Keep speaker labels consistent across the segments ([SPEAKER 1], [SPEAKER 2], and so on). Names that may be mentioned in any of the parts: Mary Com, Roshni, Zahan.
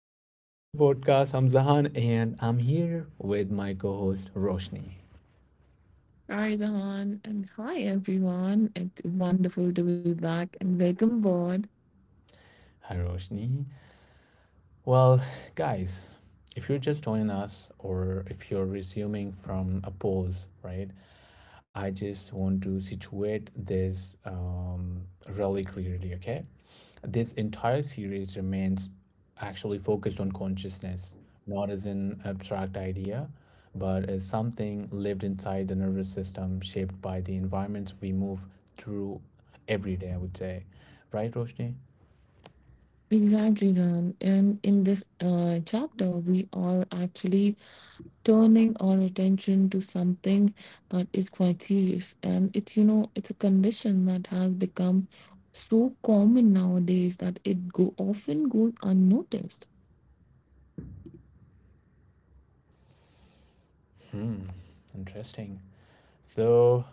[SPEAKER 1] Welcome back to the podcast. I'm Zahan, and I'm here with my co host, Roshni.
[SPEAKER 2] Hi, Zahan, and hi, everyone. It's wonderful to be back and welcome aboard.
[SPEAKER 1] Hi, Roshni. Well, guys, if you're just joining us or if you're resuming from a pause, right, I just want to situate this really clearly, okay? This entire series remains actually focused on consciousness, not as an abstract idea, but as something lived inside the nervous system, shaped by the environments we move through every day, I would say. Right, Roshni?
[SPEAKER 2] Exactly, Zahan. And in this chapter, we are actually turning our attention to something that is quite serious. And it's a condition that has become so common nowadays that it go often goes unnoticed.
[SPEAKER 1] Hmm, interesting. So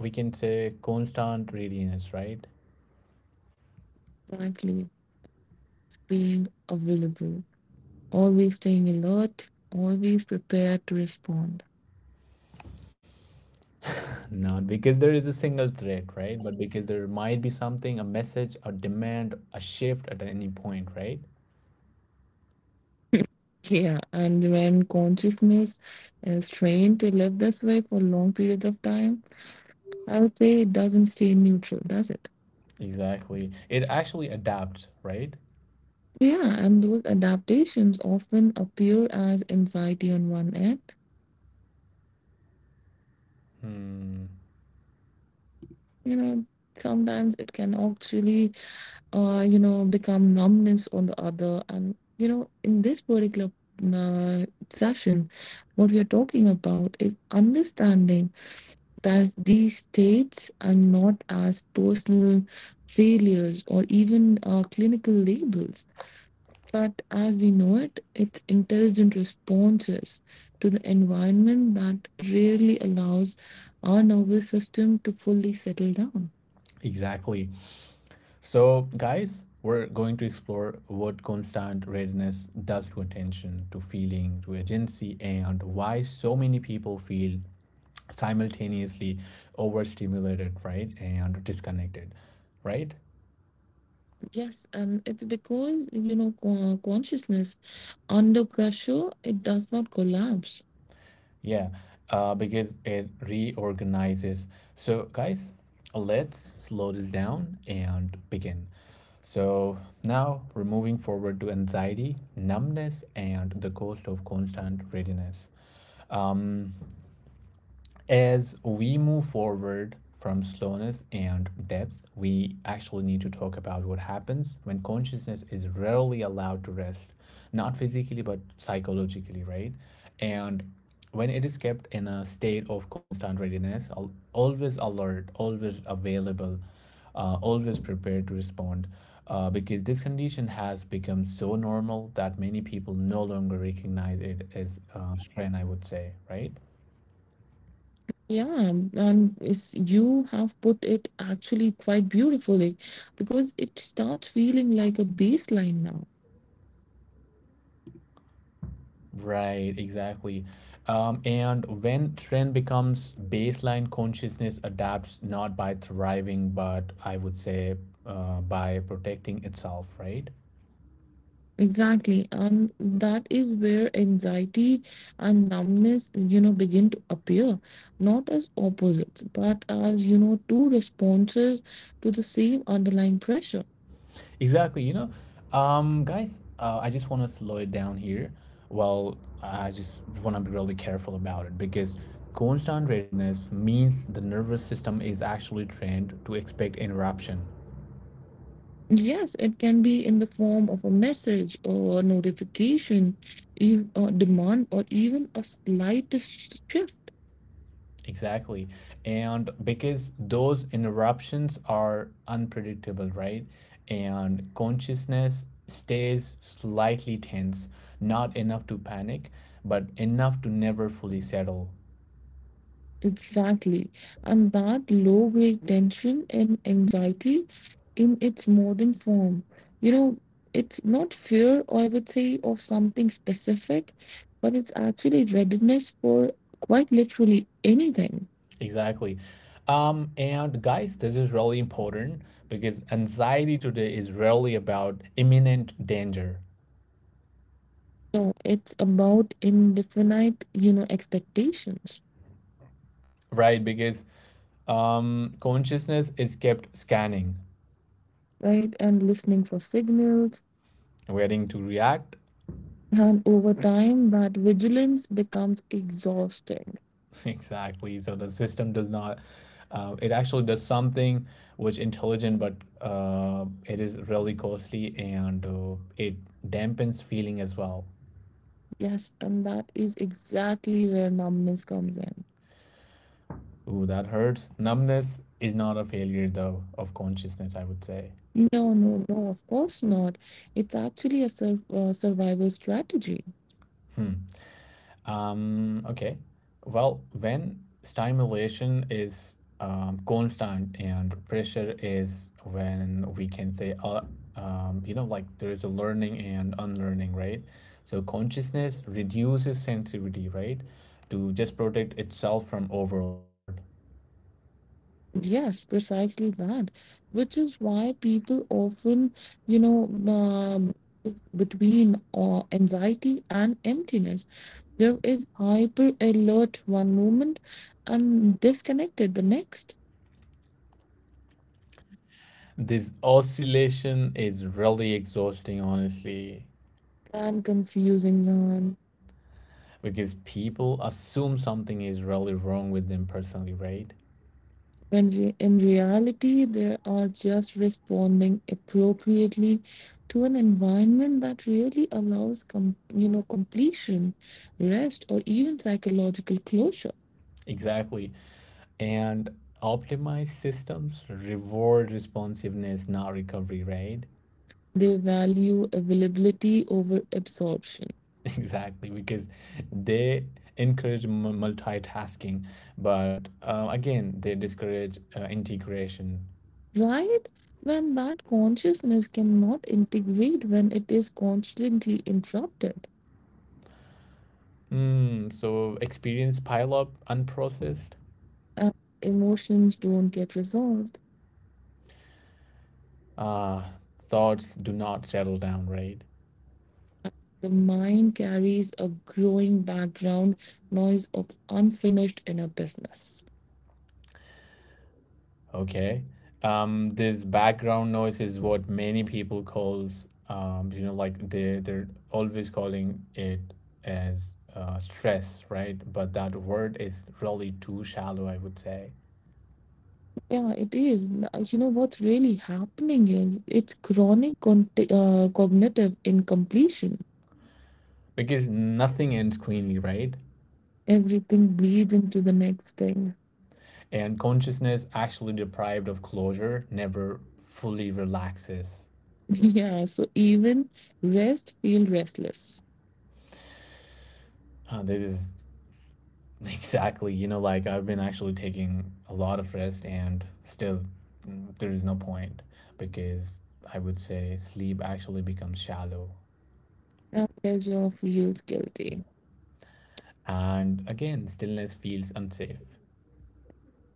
[SPEAKER 1] we can say constant readiness, right?
[SPEAKER 2] Exactly. It's being available, always staying alert, always prepared to respond.
[SPEAKER 1] Not because there is a single threat, right? But because there might be something, a message, a demand, a shift at any point, right?
[SPEAKER 2] Yeah, and when consciousness is trained to live this way for long periods of time, I would say it doesn't stay neutral, does it?
[SPEAKER 1] Exactly. It actually adapts, right?
[SPEAKER 2] Yeah, and those adaptations often appear as anxiety on one end.
[SPEAKER 1] Hmm.
[SPEAKER 2] You know, sometimes it can actually become numbness on the other. And, you know, in this particular uh, session, what we are talking about is understanding that these states are not as personal failures or even clinical labels, but as we know it, it's intelligent responses to the environment that rarely allows our nervous system to fully settle down.
[SPEAKER 1] Exactly. So, guys, we're going to explore what constant readiness does to attention, to feeling, to agency, and why so many people feel simultaneously overstimulated, right? And disconnected, right?
[SPEAKER 2] Yes, and it's because, you know, consciousness under pressure, it does not collapse.
[SPEAKER 1] Yeah, because it reorganizes. So, guys, let's slow this down and begin. So, now we're moving forward to anxiety, numbness, and the cost of constant readiness. Um, as we move forward from slowness and depth, we actually need to talk about what happens when consciousness is rarely allowed to rest, not physically but psychologically, right? And when it is kept in a state of constant readiness, always alert, always available, always prepared to respond, because this condition has become so normal that many people no longer recognize it as strain, I would say, right?
[SPEAKER 2] Yeah, and it's, you have put it actually quite beautifully because it starts feeling like a baseline now.
[SPEAKER 1] Right, exactly. And when trend becomes baseline, consciousness adapts not by thriving, but I would say by protecting itself, right?
[SPEAKER 2] Exactly. And that is where anxiety and numbness, you know, begin to appear, not as opposites, but as, you know, two responses to the same underlying pressure.
[SPEAKER 1] Exactly. Guys, I just want to slow it down here. Well, I just want to be really careful about it because constant readiness means the nervous system is actually trained to expect interruption.
[SPEAKER 2] Yes, it can be in the form of a message or a notification, a demand, or even a slight shift.
[SPEAKER 1] Exactly. And because those interruptions are unpredictable, right? And consciousness stays slightly tense, not enough to panic, but enough to never fully settle.
[SPEAKER 2] Exactly. And that low grade tension and anxiety in its modern form, you know, it's not fear, I would say, of something specific, but it's actually readiness for quite literally anything.
[SPEAKER 1] Exactly. And guys, this is really important because anxiety today is rarely about imminent danger,
[SPEAKER 2] So it's about indefinite, you know, expectations,
[SPEAKER 1] right? Because consciousness is kept scanning,
[SPEAKER 2] right? And listening for signals.
[SPEAKER 1] waiting to react,
[SPEAKER 2] And over time, that vigilance becomes exhausting.
[SPEAKER 1] Exactly. So the system does not, it actually does something which intelligent, but it is really costly and it dampens feeling as well.
[SPEAKER 2] Yes, and that is exactly where numbness comes in.
[SPEAKER 1] Ooh, that hurts. Numbness is not a failure though of consciousness, I would say.
[SPEAKER 2] No, no, no, of course not. It's actually a survival strategy.
[SPEAKER 1] Hmm. Okay. Well, when stimulation is constant and pressure is when we can say, like there is a learning and unlearning, right? So consciousness reduces sensitivity, right? To just protect itself from overload.
[SPEAKER 2] Yes, precisely that, which is why people often, you know, um, between anxiety and emptiness, there is hyper alert one moment and disconnected the next.
[SPEAKER 1] This oscillation is really exhausting, honestly,
[SPEAKER 2] And confusing, Zahan.
[SPEAKER 1] because people assume something is really wrong with them personally, right?
[SPEAKER 2] In reality they are just responding appropriately to an environment that really allows completion, rest, or even psychological closure.
[SPEAKER 1] Exactly. And optimize systems reward responsiveness, not recovery, right?
[SPEAKER 2] They value availability over absorption,
[SPEAKER 1] Exactly, because they encourage multitasking, but again they discourage integration.
[SPEAKER 2] right? When that consciousness cannot integrate, when it is constantly interrupted
[SPEAKER 1] So experience pile up unprocessed,
[SPEAKER 2] and emotions don't get resolved,
[SPEAKER 1] uh, thoughts do not settle down, right?
[SPEAKER 2] the mind carries a growing background noise of unfinished inner business.
[SPEAKER 1] Okay. This background noise is what many people calls like they're always calling it as stress, right? But that word is really too shallow, I would say,
[SPEAKER 2] Yeah, it is. You know what's really happening is it's chronic cognitive incompletion.
[SPEAKER 1] because nothing ends cleanly, right?
[SPEAKER 2] Everything bleeds into the next thing.
[SPEAKER 1] And consciousness actually deprived of closure never fully relaxes.
[SPEAKER 2] Yeah, so even rest feels restless.
[SPEAKER 1] This is Exactly. Like I've been actually taking a lot of rest and still there is no point because I would say sleep actually becomes shallow.
[SPEAKER 2] And pleasure feels guilty.
[SPEAKER 1] And again, stillness feels unsafe.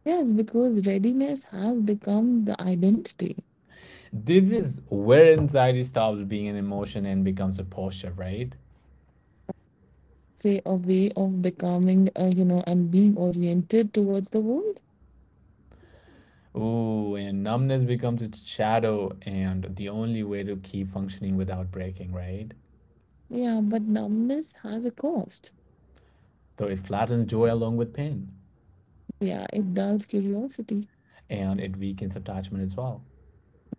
[SPEAKER 2] Yes, because readiness has become the identity,
[SPEAKER 1] This is where anxiety stops being an emotion and becomes a posture, right?
[SPEAKER 2] say a way of becoming, you know, and being oriented towards the world.
[SPEAKER 1] Ooh, and numbness becomes its shadow and the only way to keep functioning without breaking, right?
[SPEAKER 2] Yeah, but numbness has a cost.
[SPEAKER 1] So it flattens joy along with pain
[SPEAKER 2] Yeah, it dulls curiosity,
[SPEAKER 1] and it weakens attachment as well.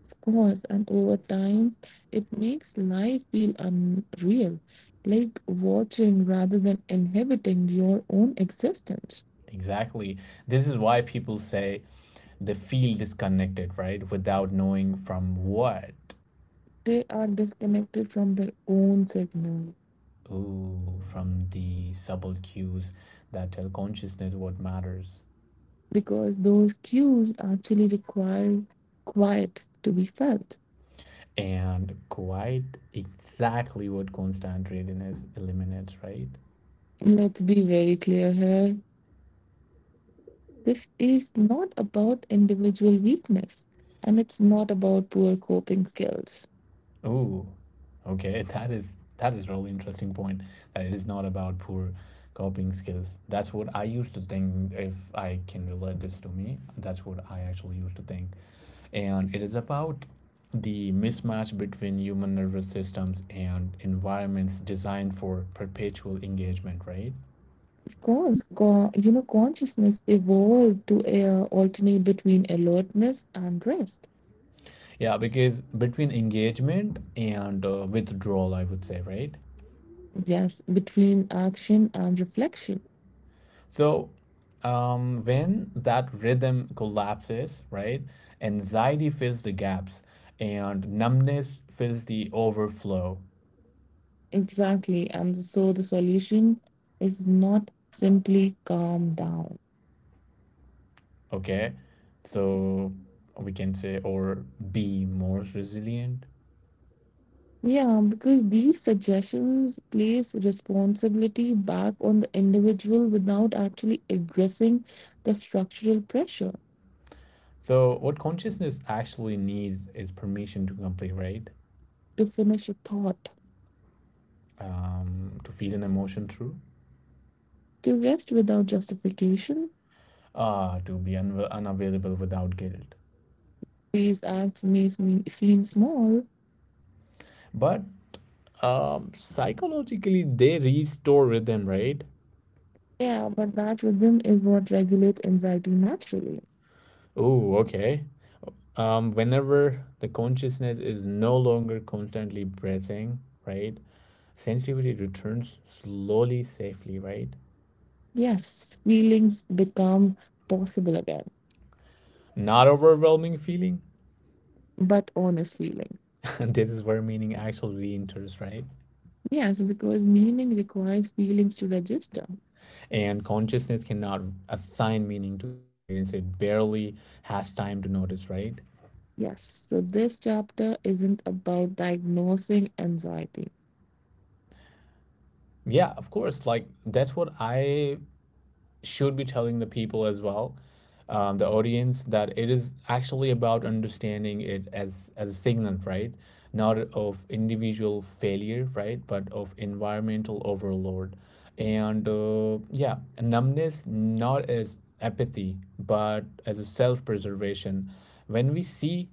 [SPEAKER 2] of course, and over time, it makes life feel unreal, like watching rather than inhabiting your own existence.
[SPEAKER 1] Exactly. This is why people say they feel disconnected, right? Without knowing from what.
[SPEAKER 2] They are disconnected from their own signal
[SPEAKER 1] Ooh, from the subtle cues that tell consciousness what matters.
[SPEAKER 2] because those cues actually require quiet to be felt.
[SPEAKER 1] And quite exactly what constant readiness eliminates, right?
[SPEAKER 2] Let's be very clear here. This is not about individual weakness and it's not about poor coping skills.
[SPEAKER 1] Oh, okay. That is really interesting point that it is not about poor copying skills. That's what I used to think if I can relate this to me. That's what I actually used to think. And it is about the mismatch between human nervous systems and environments designed for perpetual engagement, right?
[SPEAKER 2] Of course, you know, consciousness evolved to alternate between alertness and rest.
[SPEAKER 1] Yeah, because between engagement and withdrawal, I would say, right?
[SPEAKER 2] Yes, between action and reflection.
[SPEAKER 1] So, when that rhythm collapses, right, anxiety fills the gaps and numbness fills the overflow.
[SPEAKER 2] Exactly. And so the solution is not simply calm down.
[SPEAKER 1] Okay. So, we can say, or be more resilient.
[SPEAKER 2] Yeah, because these suggestions place responsibility back on the individual without actually addressing the structural pressure
[SPEAKER 1] So, what consciousness actually needs is permission to complete, right?
[SPEAKER 2] to finish a thought,
[SPEAKER 1] To feel an emotion through,
[SPEAKER 2] to rest without justification.
[SPEAKER 1] to be unavailable without guilt.
[SPEAKER 2] These acts may seem small,
[SPEAKER 1] But psychologically, they restore rhythm, right?
[SPEAKER 2] yeah, but that rhythm is what regulates anxiety naturally.
[SPEAKER 1] Oh, okay. Whenever the consciousness is no longer constantly breathing, right? Sensitivity returns slowly, safely, right?
[SPEAKER 2] Yes, feelings become possible again,
[SPEAKER 1] Not overwhelming feeling.
[SPEAKER 2] but honest feeling.
[SPEAKER 1] This is where meaning actually enters, right?
[SPEAKER 2] Yes, because meaning requires feelings to register.
[SPEAKER 1] And consciousness cannot assign meaning to experience. It barely has time to notice, right?
[SPEAKER 2] Yes, so this chapter isn't about diagnosing anxiety.
[SPEAKER 1] Yeah, of course. Like that's what I should be telling the people as well, the audience, that it is actually about understanding it as a signal, right? Not of individual failure, right, but of environmental overload, and yeah, numbness not as apathy, but as a self preservation. When we see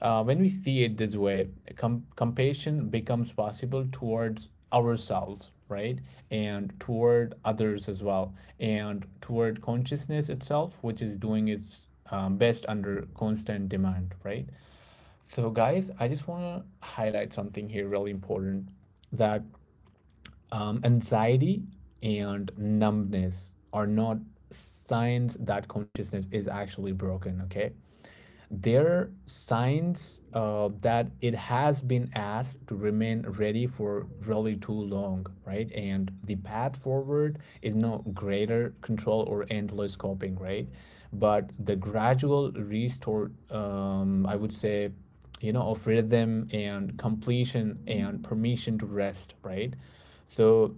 [SPEAKER 1] when we see it this way, compassion becomes possible towards ourselves, right? And toward others as well, and toward consciousness itself, which is doing its best under constant demand, right? So, guys, I just want to highlight something here really important that anxiety and numbness are not signs that consciousness is actually broken, okay? They're signs that it has been asked to remain ready for really too long, right? And the path forward is no greater control or endless coping, right? But the gradual restore, I would say, of rhythm and completion and permission to rest, right? So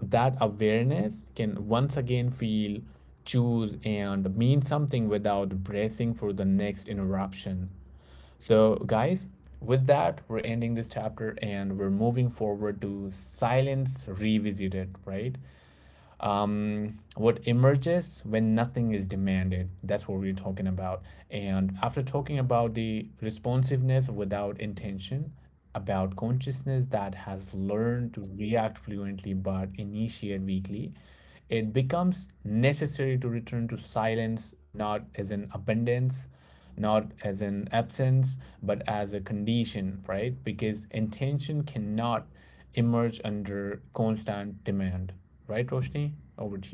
[SPEAKER 1] that awareness can once again feel, choose, and mean something without bracing for the next interruption. So, guys, with that, we're ending this chapter and we're moving forward to Silence Revisited, right? What emerges when nothing is demanded. That's what we're talking about. And after talking about the responsiveness without intention, about consciousness that has learned to react fluently but initiate weakly, it becomes necessary to return to silence, not as an abundance, not as an absence, but as a condition, right? Because intention cannot emerge under constant demand. Right, Roshni? Over to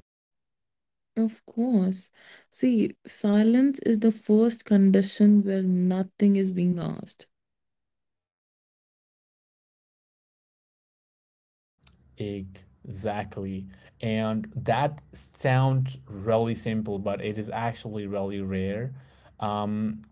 [SPEAKER 2] Of course. See, silence is the first condition where nothing is being asked.
[SPEAKER 1] you. Exactly. And that sounds really simple, but it is actually really rare. Um,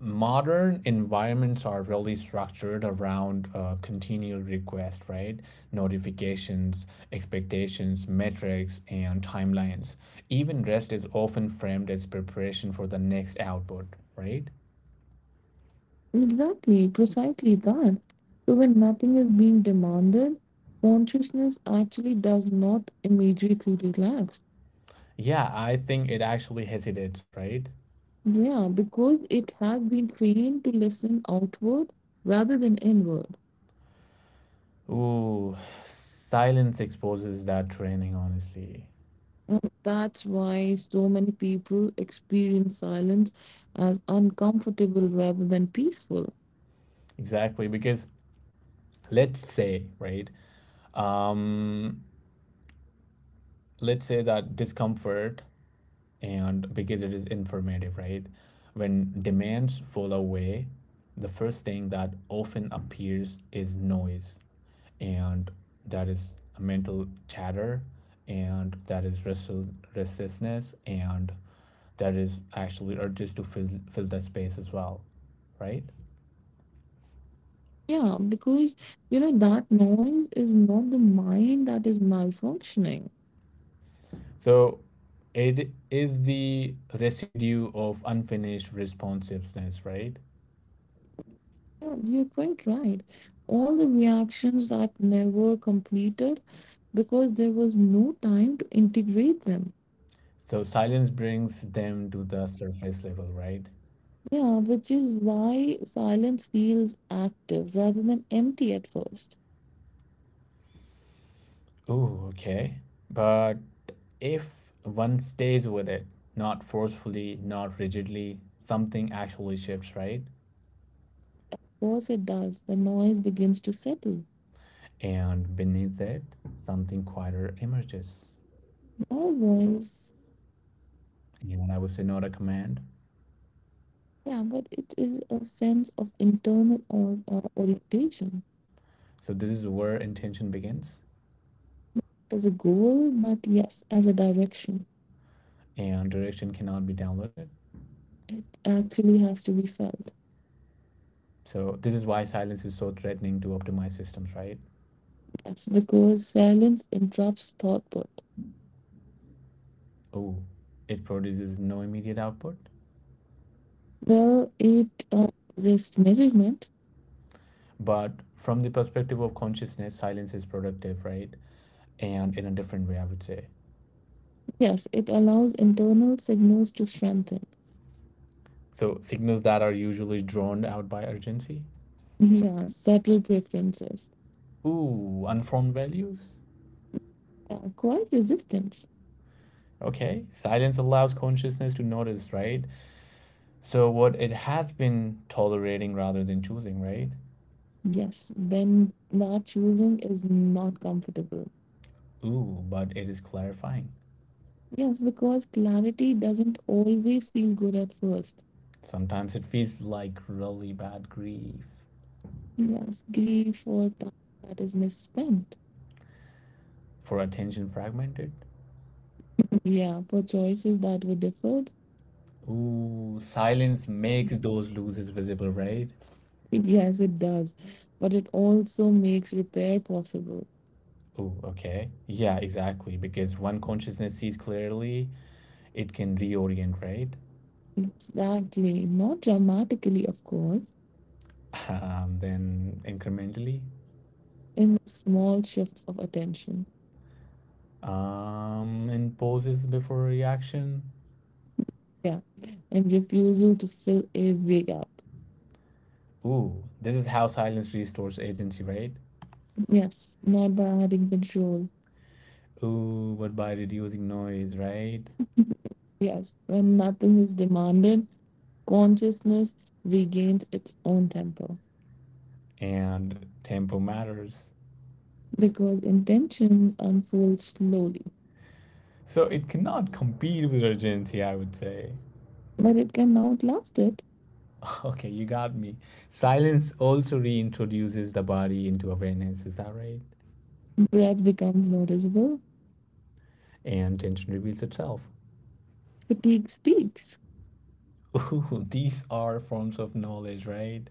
[SPEAKER 1] modern environments are really structured around continual request, right? Notifications, expectations, metrics, and timelines. Even rest is often framed as preparation for the next output, right?
[SPEAKER 2] Exactly, precisely that. So when nothing is being demanded, consciousness actually does not immediately relax.
[SPEAKER 1] Yeah, I think it actually hesitates, right?
[SPEAKER 2] Yeah, because it has been trained to listen outward rather than inward.
[SPEAKER 1] Ooh, silence exposes that training, honestly.
[SPEAKER 2] And that's why so many people experience silence as uncomfortable rather than peaceful.
[SPEAKER 1] Exactly, because let's say, right? Um, let's say that discomfort, and because it is informative, right? When demands fall away, the first thing that often appears is noise, and that is mental chatter, and that is restlessness, and that is actually or just to fill that space as well, right?
[SPEAKER 2] Yeah, because you know that noise is not the mind that is malfunctioning.
[SPEAKER 1] So it is the residue of unfinished responsiveness, right?
[SPEAKER 2] Yeah, you're quite right. All the reactions that never completed because there was no time to integrate them.
[SPEAKER 1] So silence brings them to the surface level, right?
[SPEAKER 2] Yeah, which is why silence feels active rather than empty at first.
[SPEAKER 1] Oh, okay. But if one stays with it, not forcefully, not rigidly, something actually shifts, right?
[SPEAKER 2] Of course, it does. The noise begins to settle.
[SPEAKER 1] And beneath it, something quieter emerges,
[SPEAKER 2] No voice.
[SPEAKER 1] and I would say not a command.
[SPEAKER 2] Yeah, but it is a sense of internal orientation.
[SPEAKER 1] So this is where intention begins,
[SPEAKER 2] There's a goal, but yes, as a direction,
[SPEAKER 1] and direction cannot be downloaded.
[SPEAKER 2] it actually has to be felt.
[SPEAKER 1] So this is why silence is so threatening to optimized systems, right?
[SPEAKER 2] Yes, because silence interrupts thought.
[SPEAKER 1] Oh, it produces no immediate output.
[SPEAKER 2] Well, it This measurement,
[SPEAKER 1] But from the perspective of consciousness, silence is productive, right? And in a different way, I would say.
[SPEAKER 2] yes, it allows internal signals to strengthen.
[SPEAKER 1] So signals that are usually drawn out by urgency.
[SPEAKER 2] Yeah, subtle preferences.
[SPEAKER 1] Ooh, unformed values.
[SPEAKER 2] Yeah, quite resistance.
[SPEAKER 1] Okay, silence allows consciousness to notice, right? So what it has been tolerating rather than choosing, right?
[SPEAKER 2] Yes, then not choosing is not comfortable.
[SPEAKER 1] Ooh, but it is clarifying.
[SPEAKER 2] Yes, because clarity doesn't always feel good at first.
[SPEAKER 1] Sometimes it feels like really bad grief
[SPEAKER 2] Yes, grief or time that is misspent.
[SPEAKER 1] for attention fragmented.
[SPEAKER 2] Yeah, for choices that were deferred.
[SPEAKER 1] Ooh, silence makes those losses visible, right?
[SPEAKER 2] Yes, it does. But it also makes repair possible.
[SPEAKER 1] Ooh, okay. Yeah, exactly. Because when consciousness sees clearly, it can reorient, right?
[SPEAKER 2] Exactly. Not dramatically, of course,
[SPEAKER 1] Then incrementally.
[SPEAKER 2] in small shifts of attention.
[SPEAKER 1] And pauses before reaction.
[SPEAKER 2] Yeah. And refusal to fill every gap.
[SPEAKER 1] Ooh, this is how silence restores agency, right?
[SPEAKER 2] Yes. Not by adding control.
[SPEAKER 1] Ooh, but by reducing noise, right?
[SPEAKER 2] Yes. When nothing is demanded, consciousness regains its own tempo
[SPEAKER 1] And tempo matters.
[SPEAKER 2] because intention unfolds slowly,
[SPEAKER 1] So it cannot compete with urgency, I would say.
[SPEAKER 2] but it can outlast it.
[SPEAKER 1] Okay, you got me. Silence also reintroduces the body into awareness, is that right?
[SPEAKER 2] Breath becomes noticeable.
[SPEAKER 1] And tension reveals itself.
[SPEAKER 2] Fatigue speaks.
[SPEAKER 1] Ooh, these are forms of knowledge, right?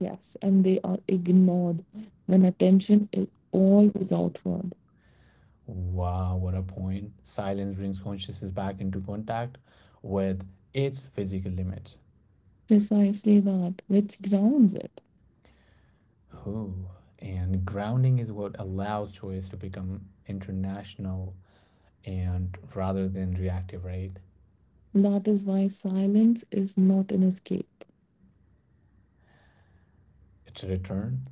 [SPEAKER 2] Yes, and they are ignored when attention is always outward.
[SPEAKER 1] Wow, what a point. Silence brings consciousness back into contact with its physical limits.
[SPEAKER 2] Precisely that, which grounds it.
[SPEAKER 1] Ooh, and grounding is what allows choice to become international and rather than reactive, right?
[SPEAKER 2] That is why silence is not an escape
[SPEAKER 1] It's a return.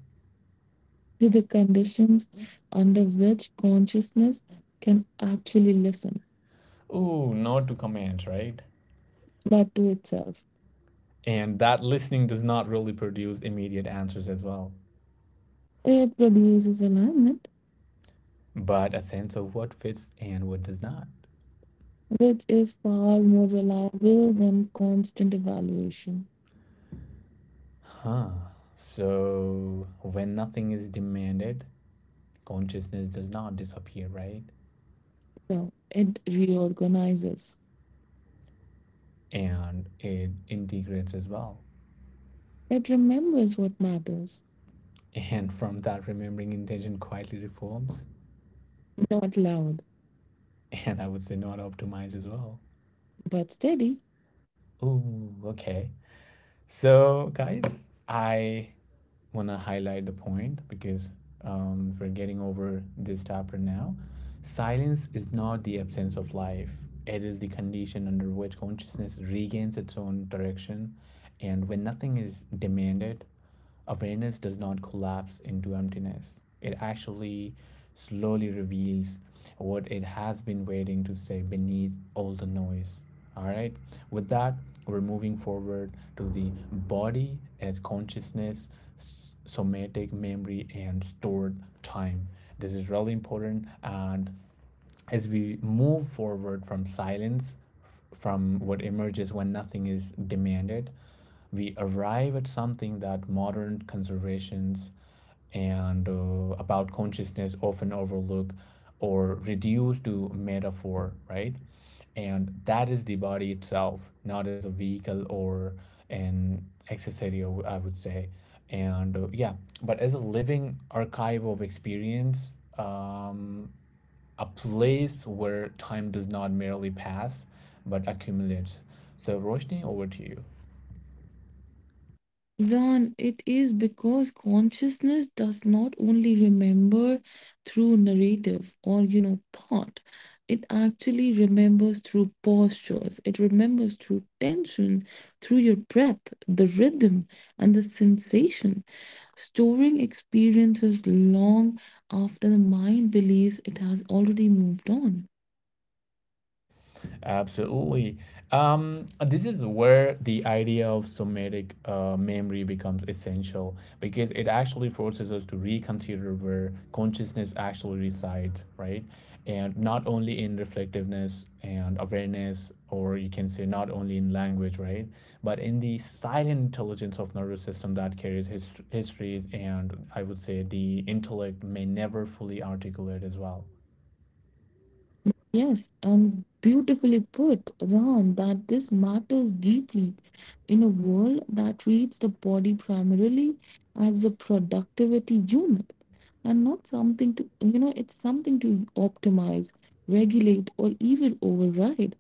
[SPEAKER 2] to the conditions under which consciousness can actually listen,
[SPEAKER 1] Ooh, no to commands, right?
[SPEAKER 2] but to itself.
[SPEAKER 1] And that listening does not really produce immediate answers as well,
[SPEAKER 2] It produces alignment,
[SPEAKER 1] but a sense of what fits and what does not.
[SPEAKER 2] which is far more reliable than constant evaluation.
[SPEAKER 1] Huh. So when nothing is demanded, consciousness does not disappear, right?
[SPEAKER 2] So it reorganizes.
[SPEAKER 1] And it integrates as well.
[SPEAKER 2] It remembers what matters,
[SPEAKER 1] And from that, remembering intention quietly reforms.
[SPEAKER 2] not loud,
[SPEAKER 1] And I would say not optimized as well.
[SPEAKER 2] but steady.
[SPEAKER 1] Ooh, okay. So, guys, I want to highlight the point because we're getting over this topic now. Silence is not the absence of life, it is the condition under which consciousness regains its own direction. And when nothing is demanded, awareness does not collapse into emptiness. It actually slowly reveals what it has been waiting to say beneath all the noise. All right. With that, we're moving forward to the body as consciousness, somatic memory, and stored time. This is really important. And as we move forward from silence, from what emerges when nothing is demanded, we arrive at something that modern conservations and about consciousness often overlooked, or reduced to metaphor, right? And that is the body itself, not as a vehicle or an accessory, I would say. And yeah, but as a living archive of experience, um, a place where time does not merely pass but accumulates. So, Roshni, over to you.
[SPEAKER 2] Zan, it is because consciousness does not only remember through narrative or, you know, thought. It actually remembers through postures. It remembers through tension, through your breath, the rhythm, and the sensation. Storing experiences long after the mind believes it has already moved on.
[SPEAKER 1] Absolutely. This is where the idea of somatic memory becomes essential because it actually forces us to reconsider where consciousness actually resides, right? And not only in reflectiveness and awareness, or you can say not only in language, right? But in the silent intelligence of nervous system that carries histories and I would say the intellect may never fully articulate as well.
[SPEAKER 2] Yes, and beautifully put, Ron, that this matters deeply in a world that treats the body primarily as a productivity unit and not something to, you know, it's something to optimize, regulate, or even override,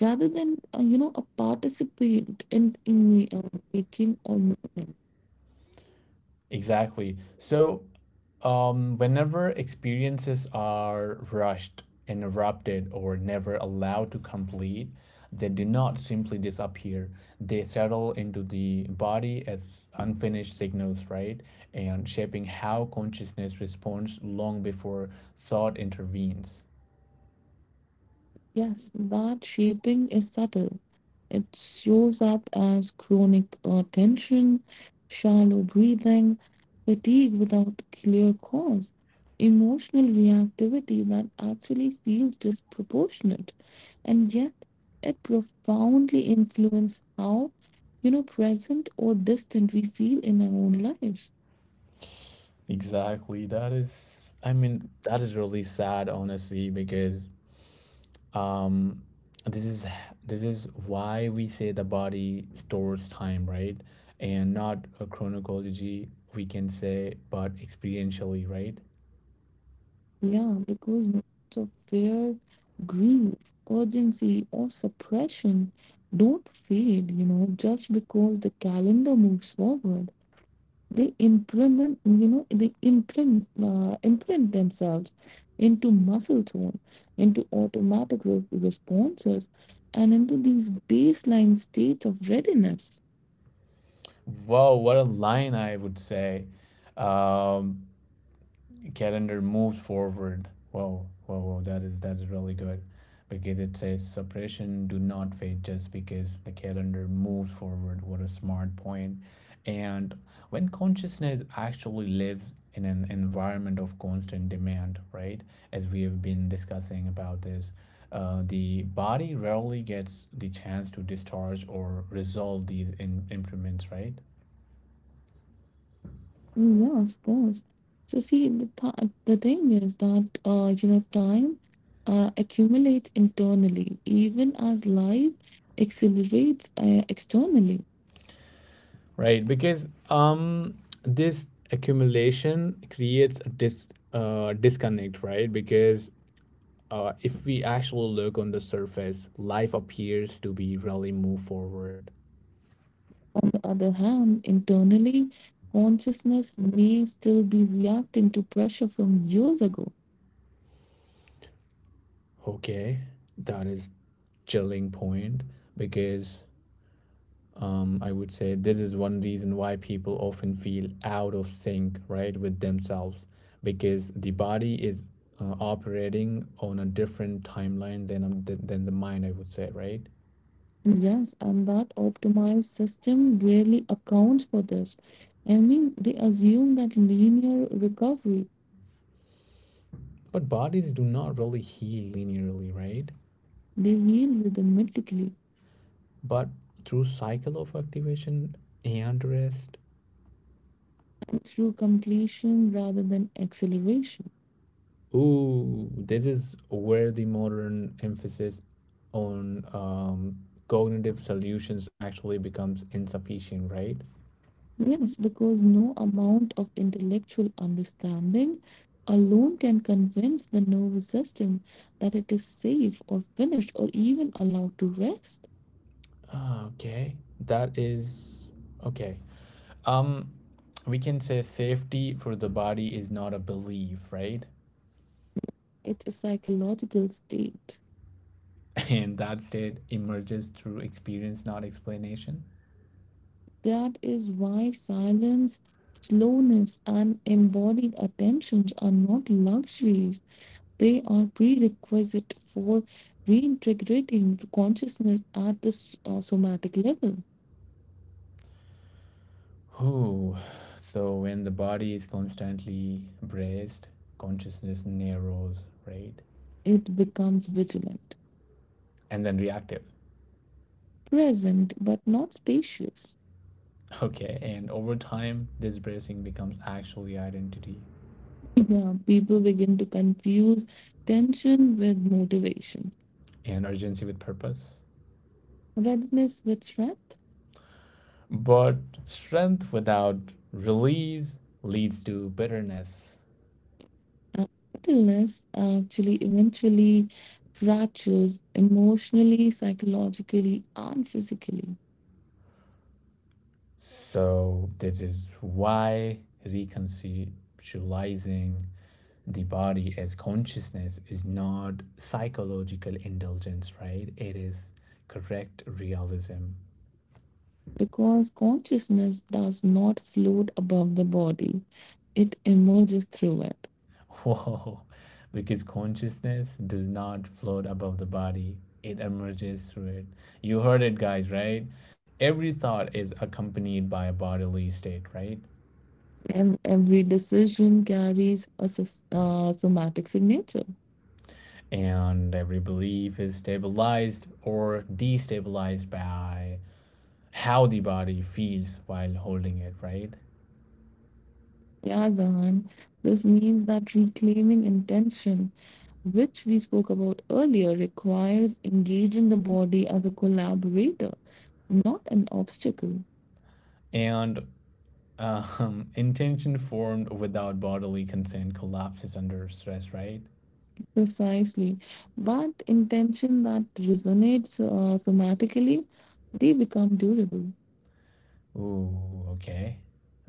[SPEAKER 2] rather than, you know, a participant in the making or movement.
[SPEAKER 1] Exactly. So, whenever experiences are rushed, interrupted, or never allowed to complete, they do not simply disappear. They settle into the body as unfinished signals, right? And shaping how consciousness responds long before thought intervenes.
[SPEAKER 2] Yes, that shaping is subtle. It shows up as chronic tension, shallow breathing, fatigue without clear cause, emotional reactivity that actually feels disproportionate, and yet it profoundly influences how, you know, present or distant we feel in our own lives.
[SPEAKER 1] Exactly. That is, I mean, that is really sad, honestly, because um this is this is why we say the body stores time, right, and not a chronology we can say but experientially, right?
[SPEAKER 2] Yeah, because moments of fear, grief, urgency, or suppression don't fade, you know, just because the calendar moves forward. They implement, you know, they imprint, imprint themselves into muscle tone, into automatic responses, and into these baseline states of readiness.
[SPEAKER 1] Wow, what a line, I would say. um Calendar moves forward. Whoa, whoa, whoa! That is really good, because it says suppression do not fade just because the calendar moves forward. What a smart point! And when consciousness actually lives in an environment of constant demand, right? As we have been discussing about this, the body rarely gets the chance to discharge or resolve these improvements, right?
[SPEAKER 2] Mm, yeah, of course. So see, the thing is that you know, time accumulates internally, even as life accelerates externally.
[SPEAKER 1] Right, because this accumulation creates a disconnect, right? Because if we actually look on the surface, life appears to be really move forward.
[SPEAKER 2] On the other hand, internally, consciousness may still be reacting to pressure from years ago.
[SPEAKER 1] Okay, that is chilling point because I would say this is one reason why people often feel out of sync, right, with themselves, because the body is operating on a different timeline than than the mind, I would say, right?
[SPEAKER 2] Yes, and that optimized system really accounts for this. I mean, they assume that linear recovery,
[SPEAKER 1] But bodies do not really heal linearly, right?
[SPEAKER 2] they heal rhythmically
[SPEAKER 1] But through cycle of activation and rest.
[SPEAKER 2] through completion rather than acceleration.
[SPEAKER 1] Ooh, this is where the modern emphasis on cognitive solutions actually becomes insufficient, right?
[SPEAKER 2] Yes, because no amount of intellectual understanding alone can convince the nervous system that it is safe or finished or even allowed to rest.
[SPEAKER 1] Ah, okay, that is okay. Um, we can say safety for the body is not a belief, right?
[SPEAKER 2] It's a psychological state.
[SPEAKER 1] And that state emerges through experience, not explanation.
[SPEAKER 2] That is why silence, slowness, and embodied attentions are not luxuries. They are prerequisite for reintegrating consciousness at the somatic level.
[SPEAKER 1] Oh, so when the body is constantly braced, consciousness narrows, right?
[SPEAKER 2] It becomes vigilant,
[SPEAKER 1] And then reactive.
[SPEAKER 2] present, but not spacious.
[SPEAKER 1] Okay, and over time, this bracing becomes actually identity
[SPEAKER 2] Yeah, people begin to confuse tension with motivation,
[SPEAKER 1] and urgency with purpose.
[SPEAKER 2] readiness with strength,
[SPEAKER 1] But strength without release leads to bitterness.
[SPEAKER 2] and idleness actually eventually fractures emotionally, psychologically, and physically
[SPEAKER 1] So this is why reconceptualizing the body as consciousness is not psychological indulgence, right? It is correct realism.
[SPEAKER 2] because consciousness does not float above the body, it emerges through it.
[SPEAKER 1] Whoa, because consciousness does not float above the body, it emerges through it. You heard it, guys, right? Every thought is accompanied by a bodily state, right?
[SPEAKER 2] And every decision carries a somatic signature.
[SPEAKER 1] And every belief is stabilized or destabilized by how the body feels while holding it, right?
[SPEAKER 2] Yeah, Zahan, this means that reclaiming intention, which we spoke about earlier, requires engaging the body as a collaborator, not an obstacle.
[SPEAKER 1] And intention formed without bodily consent collapses under stress, right?
[SPEAKER 2] Precisely. But intention that resonates somatically, they become durable.
[SPEAKER 1] Ooh, okay.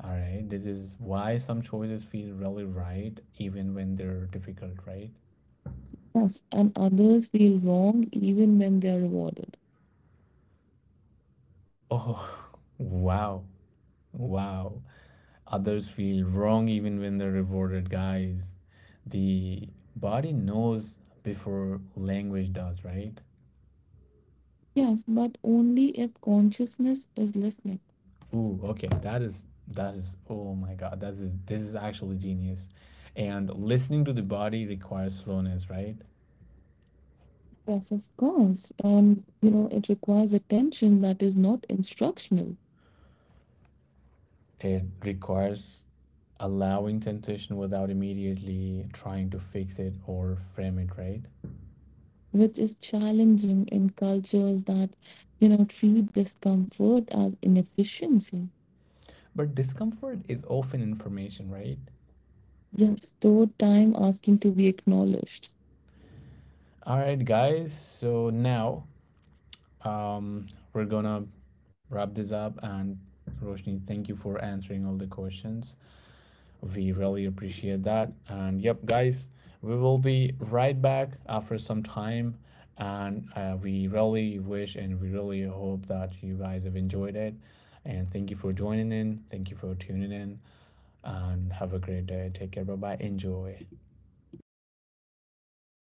[SPEAKER 1] All right. This is why some choices feel really right even when they're difficult, right?
[SPEAKER 2] Yes, and others feel wrong even when they are rewarded.
[SPEAKER 1] Oh, wow. Wow. Others feel wrong even when they're rewarded, guys. The body knows before language does, right?
[SPEAKER 2] Yes, but only if consciousness is listening.
[SPEAKER 1] Ooh, okay. That is oh my God. That is, this is actually genius. And listening to the body requires slowness, right?
[SPEAKER 2] Yes, of course. And, you know, it requires attention that is not instructional,
[SPEAKER 1] It requires allowing temptation without immediately trying to fix it or frame it, right?
[SPEAKER 2] which is challenging in cultures that, you know, treat discomfort as inefficiency.
[SPEAKER 1] But discomfort is often information, right?
[SPEAKER 2] You have stored time asking to be acknowledged.
[SPEAKER 1] All right, guys. So now, um, we're gonna wrap this up and Roshni, thank you for answering all the questions. We really appreciate that. And yep, guys, we will be right back after some time. And we really wish and we really hope that you guys have enjoyed it. And thank you for joining in. Thank you for tuning in. And have a great day. Take care. Bye bye. Enjoy.